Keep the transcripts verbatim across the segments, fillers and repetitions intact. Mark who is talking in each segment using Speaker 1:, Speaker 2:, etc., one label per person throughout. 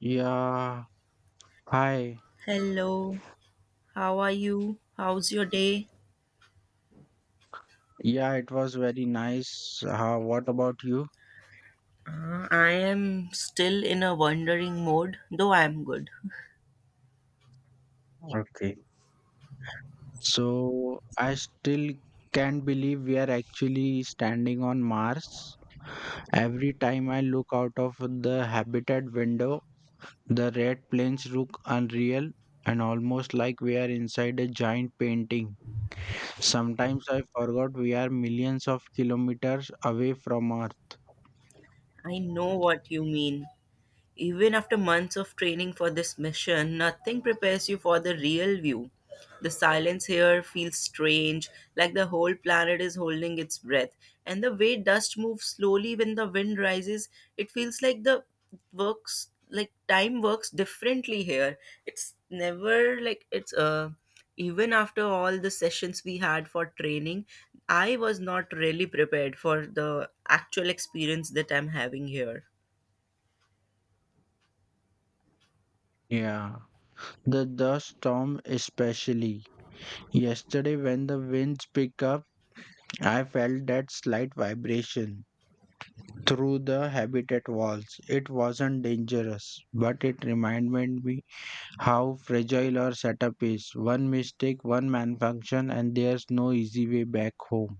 Speaker 1: Yeah, hi.
Speaker 2: Hello, how are you? How's your day?
Speaker 1: Yeah, it was very nice. Uh, what about you?
Speaker 2: Uh, I am still in a wandering mode, though I am good.
Speaker 1: Okay. So, I still can't believe we are actually standing on Mars. Every time I look out of the habitat window, the red planes look unreal and almost like we are inside a giant painting. Sometimes I forgot we are millions of kilometers away from Earth.
Speaker 2: I know what you mean. Even after months of training for this mission, nothing prepares you for the real view. The silence here feels strange, like the whole planet is holding its breath. And the way dust moves slowly when the wind rises, it feels like the works like time works differently here. It's never like it's uh Even after all the sessions we had for training, I was not really prepared for the actual experience that I'm having here.
Speaker 1: Yeah. The dust storm, especially. Yesterday, when the winds picked up, I felt that slight vibration through the habitat walls. It wasn't dangerous, but it reminded me how fragile our setup is. One mistake, one malfunction, and there's no easy way back home.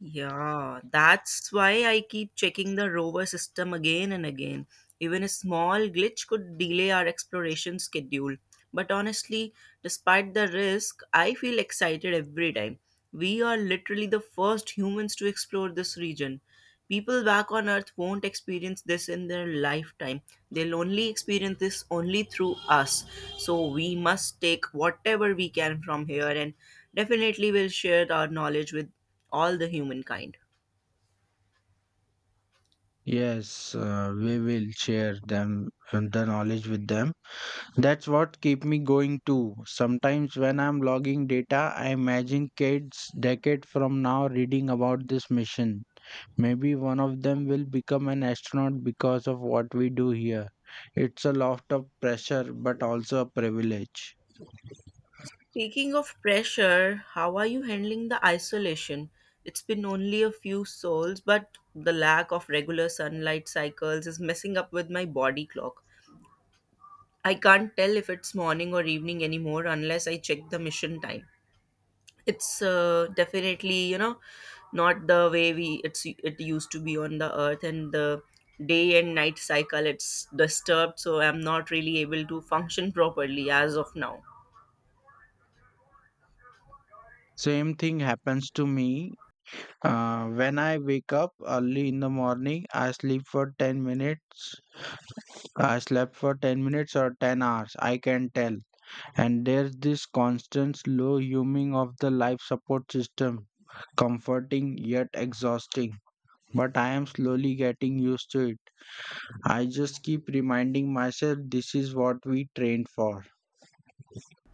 Speaker 2: Yeah, that's why I keep checking the rover system again and again. Even a small glitch could delay our exploration schedule. But honestly, despite the risk, I feel excited every time. We are literally the first humans to explore this region. People back on Earth won't experience this in their lifetime. They'll only experience this only through us. So we must take whatever we can from here, and definitely we'll share our knowledge with all the humankind.
Speaker 1: Yes, uh, we will share them the knowledge with them. That's what keep me going too. Sometimes when I'm logging data, I imagine kids decade from now reading about this mission. Maybe one of them will become an astronaut because of what we do here. It's a lot of pressure, but also a privilege.
Speaker 2: Speaking of pressure, how are you handling the isolation? It's been only a few souls, but the lack of regular sunlight cycles is messing up with my body clock. I can't tell if it's morning or evening anymore unless I check the mission time. It's uh, definitely, you know, not the way we it's it used to be on the earth, and the day and night cycle it's disturbed, so I'm not really able to function properly as of now.
Speaker 1: Same thing happens to me. Uh, when I wake up early in the morning, I sleep for ten minutes. I slept for ten minutes or ten hours, I can tell. And there's this constant slow humming of the life support system, comforting yet exhausting. But I am slowly getting used to it. I just keep reminding myself this is what we trained for.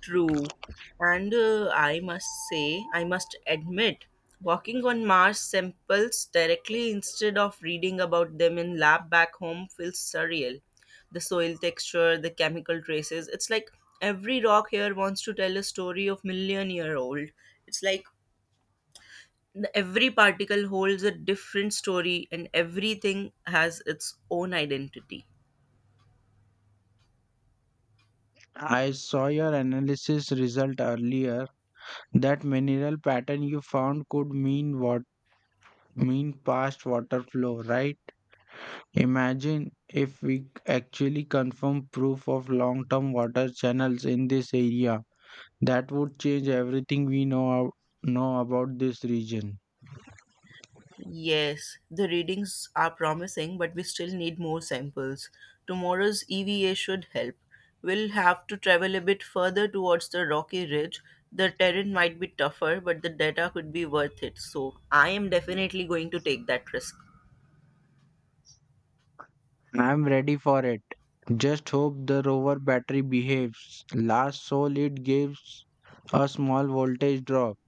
Speaker 2: True. And uh, I must say, I must admit, walking on Mars samples directly instead of reading about them in lab back home feels surreal. The soil texture, the chemical traces, it's like every rock here wants to tell a story of million year old. It's like the- every particle holds a different story and everything has its own identity.
Speaker 1: I saw your analysis result earlier. That mineral pattern you found could mean what mean past water flow, right? Imagine if we actually confirm proof of long-term water channels in this area. That would change everything we know know about this region.
Speaker 2: Yes, the readings are promising, but we still need more samples. Tomorrow's E V A should help. We'll have to travel a bit further towards the rocky ridge. The terrain might be tougher, but the data could be worth it, so I am definitely going to take that risk.
Speaker 1: I'm ready for it. Just hope the rover battery behaves. Last soul it gives a small voltage drop.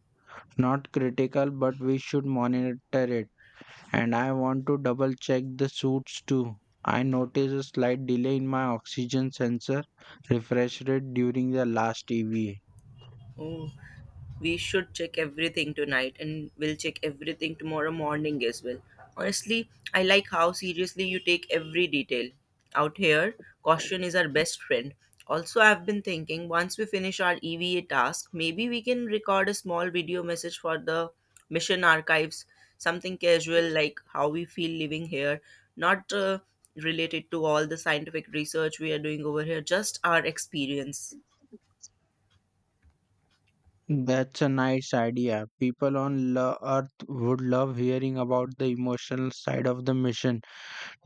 Speaker 1: Not critical, but we should monitor it. And I want to double check the suits too. I noticed a slight delay in my oxygen sensor refresh rate during the last E V A.
Speaker 2: Oh, we should check everything tonight, and we'll check everything tomorrow morning as well. Honestly, I like how seriously you take every detail. Out here, caution is our best friend. Also, I've been thinking once we finish our E V A task, maybe we can record a small video message for the mission archives, something casual like how we feel living here, not uh, related to all the scientific research we are doing over here, just our experience.
Speaker 1: That's a nice idea. People on lo- Earth would love hearing about the emotional side of the mission,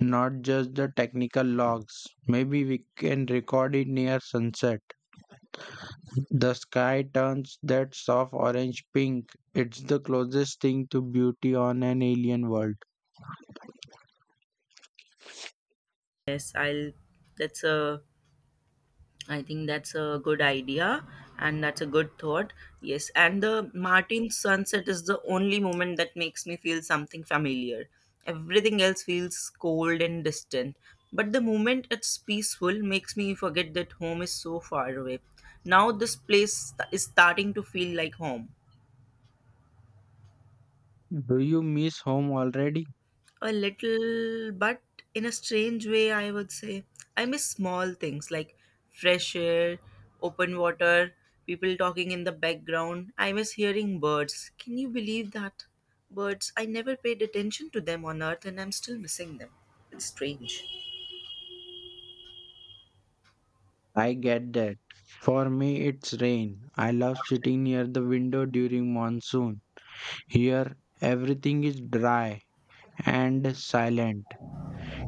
Speaker 1: not just the technical logs. Maybe we can record it near sunset. The sky turns that soft orange pink. It's the closest thing to beauty on an alien world.
Speaker 2: Yes, I'll that's a I think that's a good idea, and that's a good thought. Yes, and the Martin sunset is the only moment that makes me feel something familiar. Everything else feels cold and distant. But the moment it's peaceful makes me forget that home is so far away. Now this place st- is starting to feel like home.
Speaker 1: Do you miss home already?
Speaker 2: A little, but in a strange way, I would say. I miss small things like fresh air, open water, people talking in the background. I miss hearing birds. Can you believe that? Birds, I never paid attention to them on earth, and I'm still missing them. It's strange.
Speaker 1: I get that. For me, it's rain. I love sitting near the window during monsoon. Here, everything is dry and silent.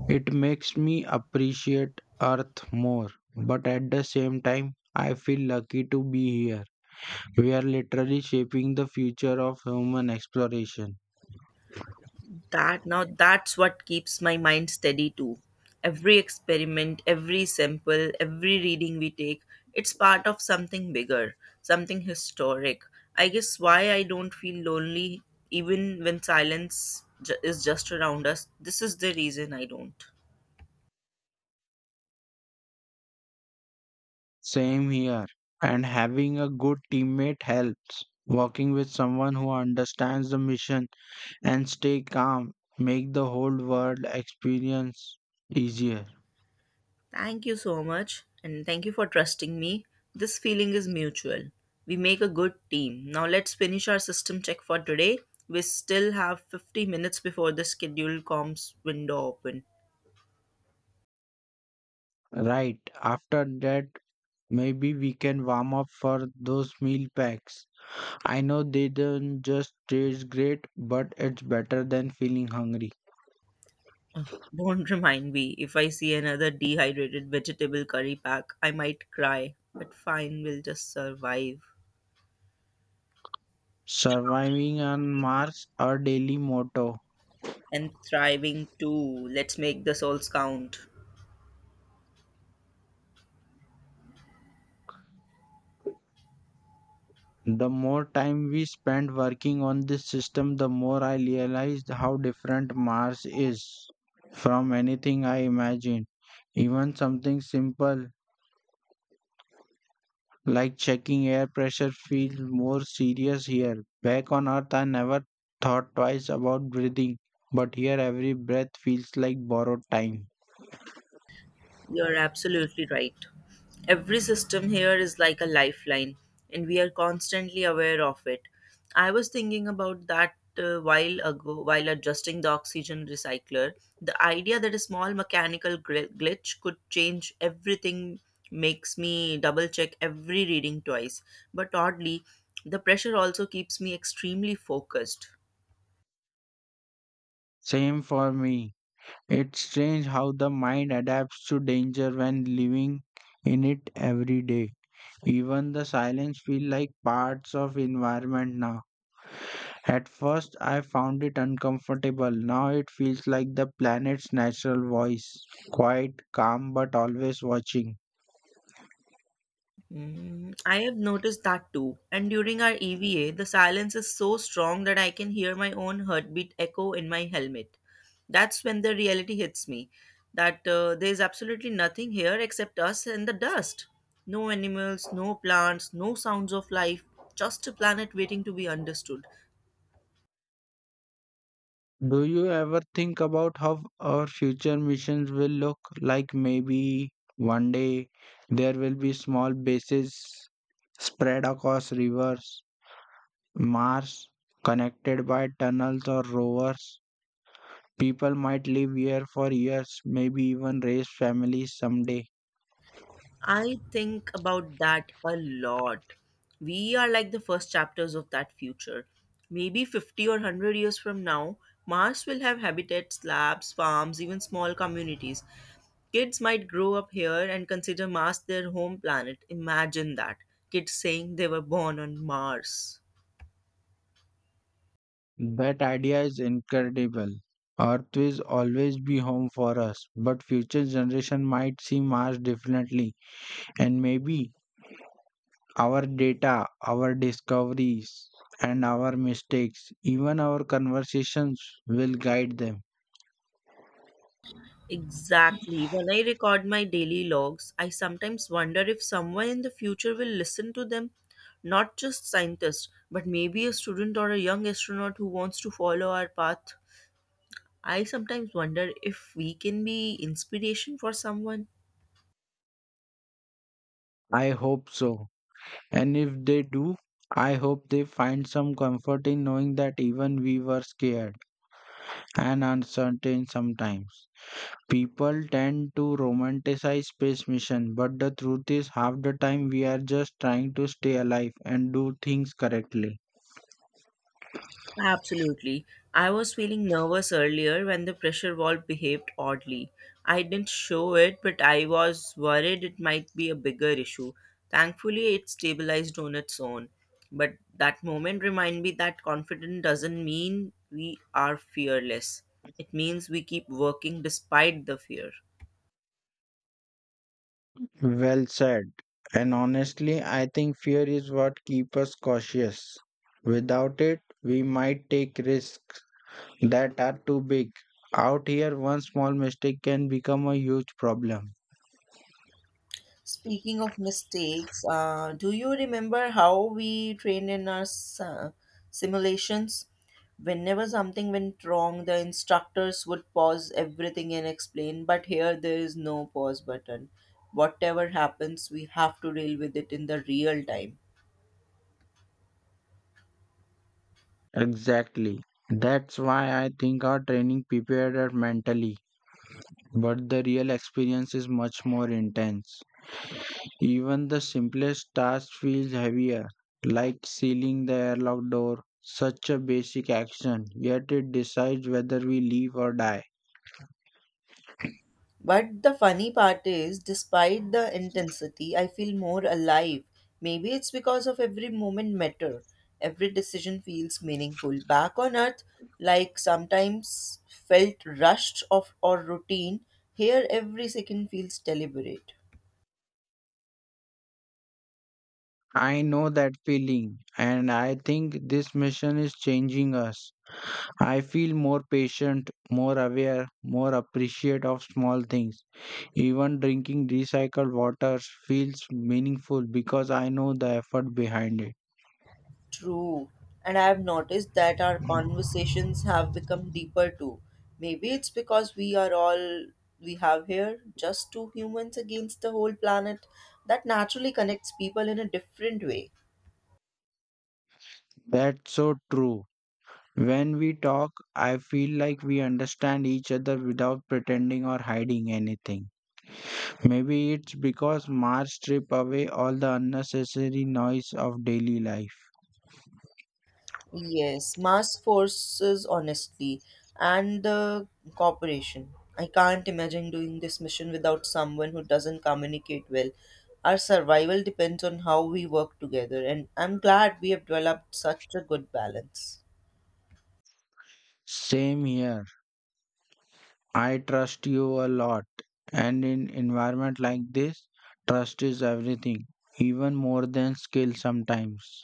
Speaker 1: It makes me appreciate Earth more, but at the same time, I feel lucky to be here. We are literally shaping the future of human exploration.
Speaker 2: That now, that's what keeps my mind steady too. Every experiment, every sample, every reading we take, it's part of something bigger, something historic. I guess why I don't feel lonely even when silence ju- is just around us, this is the reason I don't.
Speaker 1: Same here. And having a good teammate helps. Working with someone who understands the mission and stay calm make the whole world experience easier.
Speaker 2: Thank you so much, and thank you for trusting me. This feeling is mutual. We make a good team. Now let's finish our system check for today. We still have fifty minutes before the scheduled comms window open.
Speaker 1: Right. After that, maybe we can warm up for those meal packs. I know they don't just taste great, but it's better than feeling hungry.
Speaker 2: Don't remind me, if I see another dehydrated vegetable curry pack, I might cry. But fine, we'll just survive.
Speaker 1: Surviving on Mars, our daily motto.
Speaker 2: And thriving too. Let's make the souls count.
Speaker 1: The more time we spend working on this system, the more I realized how different Mars is from anything I imagined. Even something simple like checking air pressure feels more serious here. Back on Earth, I never thought twice about breathing, but here every breath feels like borrowed time.
Speaker 2: You're absolutely right. Every system here is like a lifeline, and we are constantly aware of it. I was thinking about that uh, while ago, while adjusting the oxygen recycler. The idea that a small mechanical gl- glitch could change everything makes me double check every reading twice. But oddly, the pressure also keeps me extremely focused.
Speaker 1: Same for me. It's strange how the mind adapts to danger when living in it every day. Even the silence feel like parts of environment now. At first I found it uncomfortable. Now it feels like the planet's natural voice. Quiet, calm but always watching.
Speaker 2: Mm, I have noticed that too. And during our E V A, the silence is so strong that I can hear my own heartbeat echo in my helmet. That's when the reality hits me that uh, there's absolutely nothing here except us and the dust. No animals, no plants, no sounds of life, just a planet waiting to be understood.
Speaker 1: Do you ever think about how our future missions will look like? Maybe one day there will be small bases spread across rivers, Mars, connected by tunnels or rovers. People might live here for years, maybe even raise families someday.
Speaker 2: I think about that a lot. We are like the first chapters of that future. Maybe fifty or one hundred years from now, Mars will have habitats, labs, farms, even small communities. Kids might grow up here and consider Mars their home planet. Imagine that. Kids saying they were born on Mars.
Speaker 1: That idea is incredible. Earth will always be home for us, but future generation might see Mars differently, and maybe our data, our discoveries, and our mistakes, even our conversations will guide them.
Speaker 2: Exactly. When I record my daily logs, I sometimes wonder if someone in the future will listen to them, not just scientists, but maybe a student or a young astronaut who wants to follow our path. I sometimes wonder if we can be inspiration for someone.
Speaker 1: I hope so. And if they do, I hope they find some comfort in knowing that even we were scared and uncertain sometimes. People tend to romanticize space mission, but the truth is, half the time we are just trying to stay alive and do things correctly.
Speaker 2: Absolutely. I was feeling nervous earlier when the pressure valve behaved oddly. I didn't show it, but I was worried it might be a bigger issue. Thankfully, it stabilized on its own. But that moment reminded me that confident doesn't mean we are fearless. It means we keep working despite the fear.
Speaker 1: Well said. And honestly, I think fear is what keeps us cautious. Without it, we might take risks that are too big. Out here, one small mistake can become a huge problem.
Speaker 2: Speaking of mistakes, uh, do you remember how we trained in our s- uh, simulations? Whenever something went wrong, the instructors would pause everything and explain, but here there is no pause button. Whatever happens, we have to deal with it in the real time.
Speaker 1: Exactly. That's why I think our training prepared us mentally, but the real experience is much more intense. Even the simplest task feels heavier, like sealing the airlock door. Such a basic action, yet it decides whether we live or die.
Speaker 2: But the funny part is, despite the intensity, I feel more alive. Maybe it's because of every moment matter. Every decision feels meaningful. Back on earth, like sometimes felt rushed of or routine, here every second feels deliberate.
Speaker 1: I know that feeling, and I think this mission is changing us. I feel more patient, more aware, more appreciative of small things. Even drinking recycled water feels meaningful because I know the effort behind
Speaker 2: True. And I've noticed that our
Speaker 1: it.
Speaker 2: conversations have become deeper too. Maybe it's because we are all we have here, just two humans against the whole planet. That naturally connects people in a different way.
Speaker 1: That's so true. When we talk, I feel like we understand each other without pretending or hiding anything. Maybe it's because Mars strip away all the unnecessary noise of daily life.
Speaker 2: Yes, mass forces, honestly, and the cooperation. I can't imagine doing this mission without someone who doesn't communicate well. Our survival depends on how we work together, and I'm glad we have developed such a good balance.
Speaker 1: Same here. I trust you a lot. And in environment like this, trust is everything, even more than skill sometimes.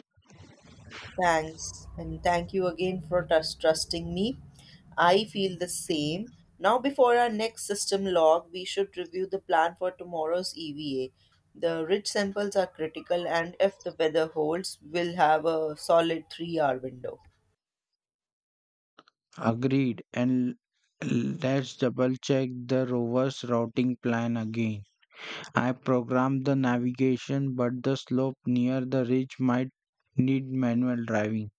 Speaker 2: Thanks, and thank you again for trust- trusting me. I feel the same. Now, before our next system log, we should review the plan for tomorrow's E V A. The rich samples are critical, and if the weather holds, we'll have a solid three hour window.
Speaker 1: Agreed. And l- let's double check the rover's routing plan again. I programmed the navigation, but the slope near the ridge might need manual driving,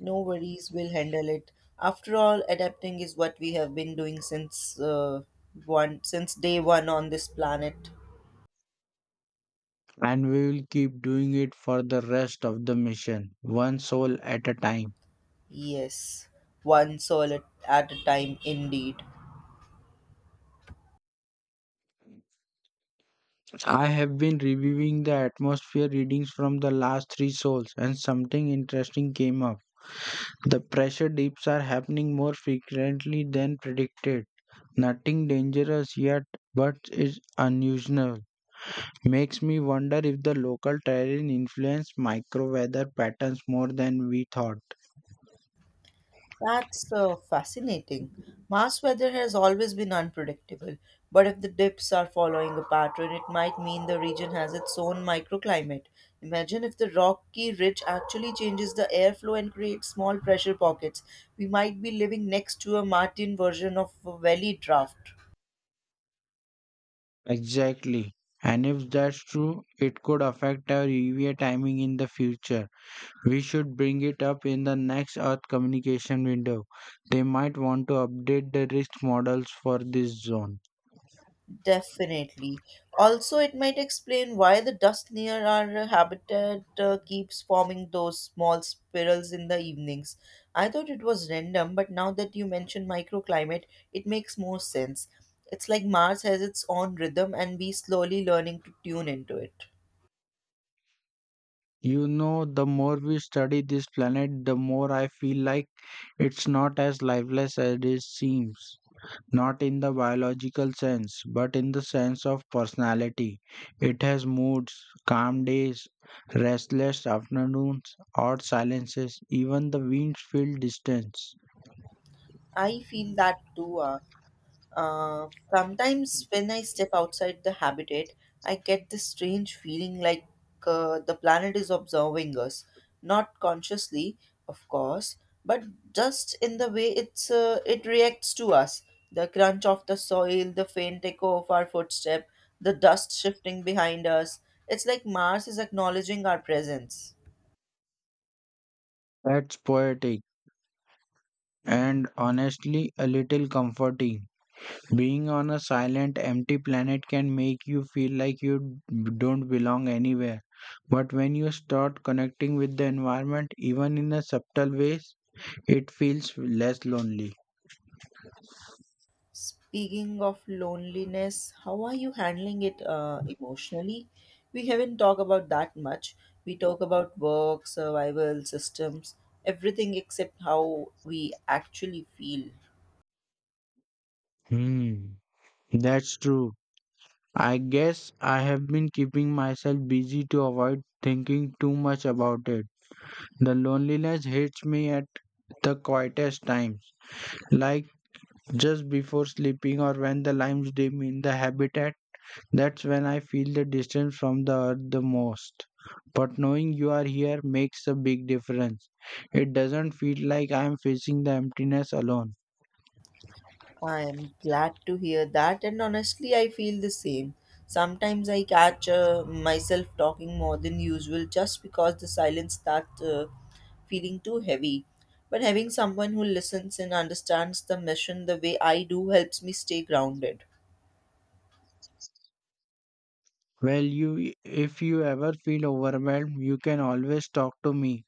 Speaker 2: No worries, we'll handle it. After all, adapting is what we have been doing since uh, one since day one on this planet.
Speaker 1: and we will keep doing it for the rest of the mission, one soul at a time.
Speaker 2: Yes, one soul at at a time, indeed.
Speaker 1: I have been reviewing the atmosphere readings from the last three souls, and something interesting came up. The pressure dips are happening more frequently than predicted. Nothing dangerous yet, but it's unusual. Makes me wonder if the local terrain influenced microweather patterns more than we thought.
Speaker 2: That's uh, fascinating. Mars weather has always been unpredictable, but if the dips are following a pattern, it might mean the region has its own microclimate. Imagine if the rocky ridge actually changes the airflow and creates small pressure pockets. We might be living next to a Martian version of a valley draft.
Speaker 1: Exactly. And if that's true, it could affect our U V A timing in the future. We should bring it up in the next Earth communication window. They might want to update the risk models for this zone.
Speaker 2: Definitely. Also, it might explain why the dust near our habitat uh, keeps forming those small spirals in the evenings. I thought it was random, but now that you mention microclimate, it makes more sense. It's like Mars has its own rhythm, and we slowly learning to tune into it.
Speaker 1: You know, the more we study this planet, the more I feel like it's not as lifeless as it seems, not in the biological sense, but in the sense of personality. It has moods, calm days, restless afternoons, odd silences, even the winds feel distance.
Speaker 2: I feel that too. Uh, uh, sometimes when I step outside the habitat, I get this strange feeling like uh, the planet is observing us, not consciously, of course, but just in the way it's uh, it reacts to us. The crunch of the soil, the faint echo of our footstep, the dust shifting behind us. It's like Mars is acknowledging our presence.
Speaker 1: That's poetic and honestly a little comforting. Being on a silent, empty planet can make you feel like you don't belong anywhere. But when you start connecting with the environment, even in a subtle ways, it feels less lonely.
Speaker 2: Speaking of loneliness, how are you handling it uh, emotionally? We haven't talked about that much. We talk about work, survival, systems, everything except how we actually feel.
Speaker 1: Hmm. That's true. I guess I have been keeping myself busy to avoid thinking too much about it. The loneliness hits me at the quietest times, like just before sleeping or when the lights dim in the habitat. That's when I feel the distance from the earth the most. But knowing you are here makes a big difference. It doesn't feel like I am facing the emptiness alone.
Speaker 2: I am glad to hear that, and honestly, I feel the same. Sometimes I catch uh, myself talking more than usual just because the silence starts uh, feeling too heavy. But having someone who listens and understands the mission the way I do helps me stay grounded.
Speaker 1: Well, you if you ever feel overwhelmed, you can always talk to me.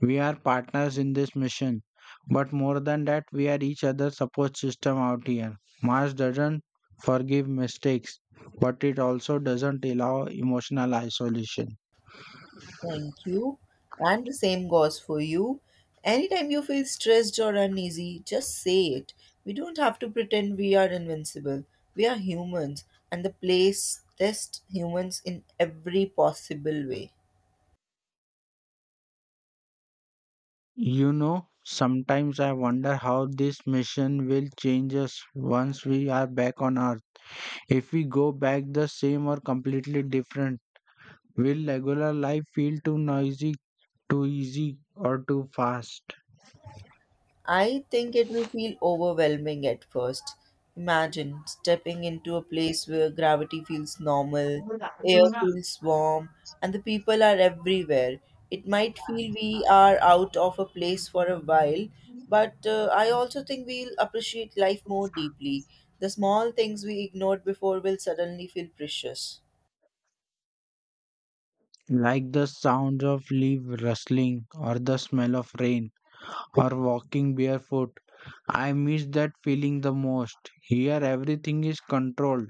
Speaker 1: We are partners in this mission, but more than that, we are each other's support system out here. Mars doesn't forgive mistakes, but it also doesn't allow emotional isolation.
Speaker 2: Thank you. And the same goes for you. Anytime you feel stressed or uneasy, just say it. We don't have to pretend we are invincible. We are humans, and the place tests humans in every possible way.
Speaker 1: You know, sometimes I wonder how this mission will change us once we are back on Earth. If we go back the same or completely different, will regular life feel too noisy, too easy, or too fast?
Speaker 2: I think it will feel overwhelming at first. Imagine stepping into a place where gravity feels normal, air feels warm, and the people are everywhere. It might feel we are out of a place for a while, but uh, I also think we'll appreciate life more deeply. The small things we ignored before will suddenly feel precious.
Speaker 1: Like the sound of leaves rustling or the smell of rain or walking barefoot. I miss that feeling the most. Here everything is controlled: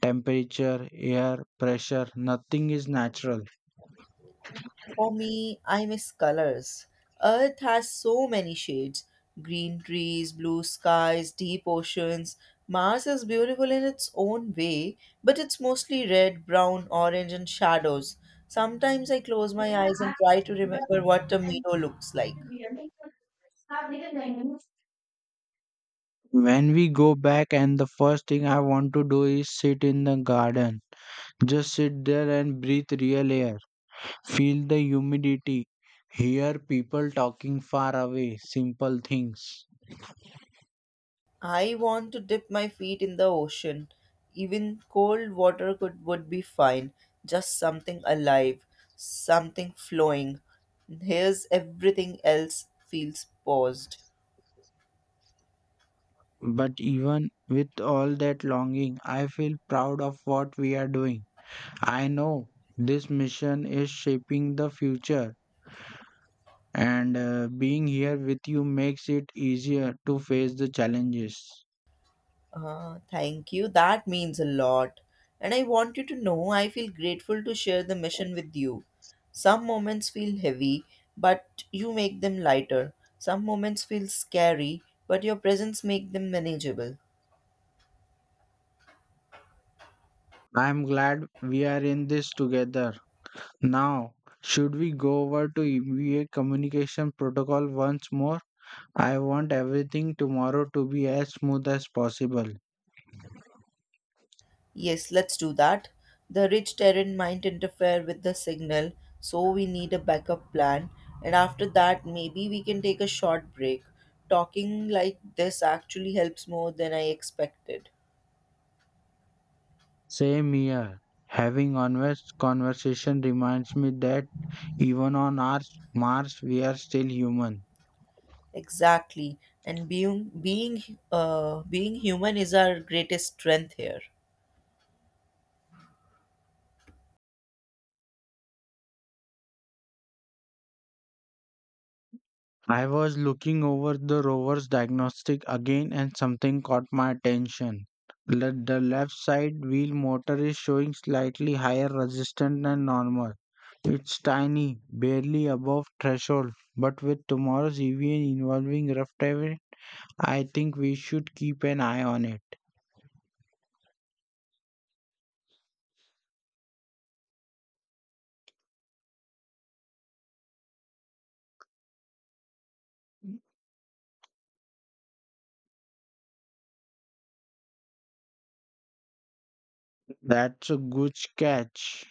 Speaker 1: temperature, air, pressure, nothing is natural.
Speaker 2: For me, I miss colors. Earth has so many shades: green trees, blue skies, deep oceans. Mars is beautiful in its own way, but it's mostly red, brown, orange, and shadows. Sometimes I close my eyes and try to remember what a meadow looks like.
Speaker 1: When we go back, and the first thing I want to do is sit in the garden. Just sit there and breathe real air. Feel the humidity. Hear people talking far away, simple things.
Speaker 2: I want to dip my feet in the ocean. Even cold water could would be fine. Just something alive, something flowing. Here's everything else feels paused.
Speaker 1: But even with all that longing, I feel proud of what we are doing. I know this mission is shaping the future, and uh, being here with you makes it easier to face the challenges.
Speaker 2: Ah, thank you. That means a lot. And I want you to know I feel grateful to share the mission with you. Some moments feel heavy, but you make them lighter. Some moments feel scary, but your presence make them manageable.
Speaker 1: I am glad we are in this together. Now, should we go over to E B A communication protocol once more? I want everything tomorrow to be as smooth as possible.
Speaker 2: Yes, let's do that. The rich terrain might interfere with the signal, so we need a backup plan. And after that, maybe we can take a short break. Talking like this actually helps more than I expected.
Speaker 1: Same here. Having honest conversation reminds me that even on our Mars, we are still human.
Speaker 2: Exactly. And being being uh, being human is our greatest strength here.
Speaker 1: I was looking over the rover's diagnostic again and something caught my attention. Le- The left side wheel motor is showing slightly higher resistance than normal. It's tiny, barely above threshold, but with tomorrow's E V involving rough terrain, I think we should keep an eye on it. That's a good catch.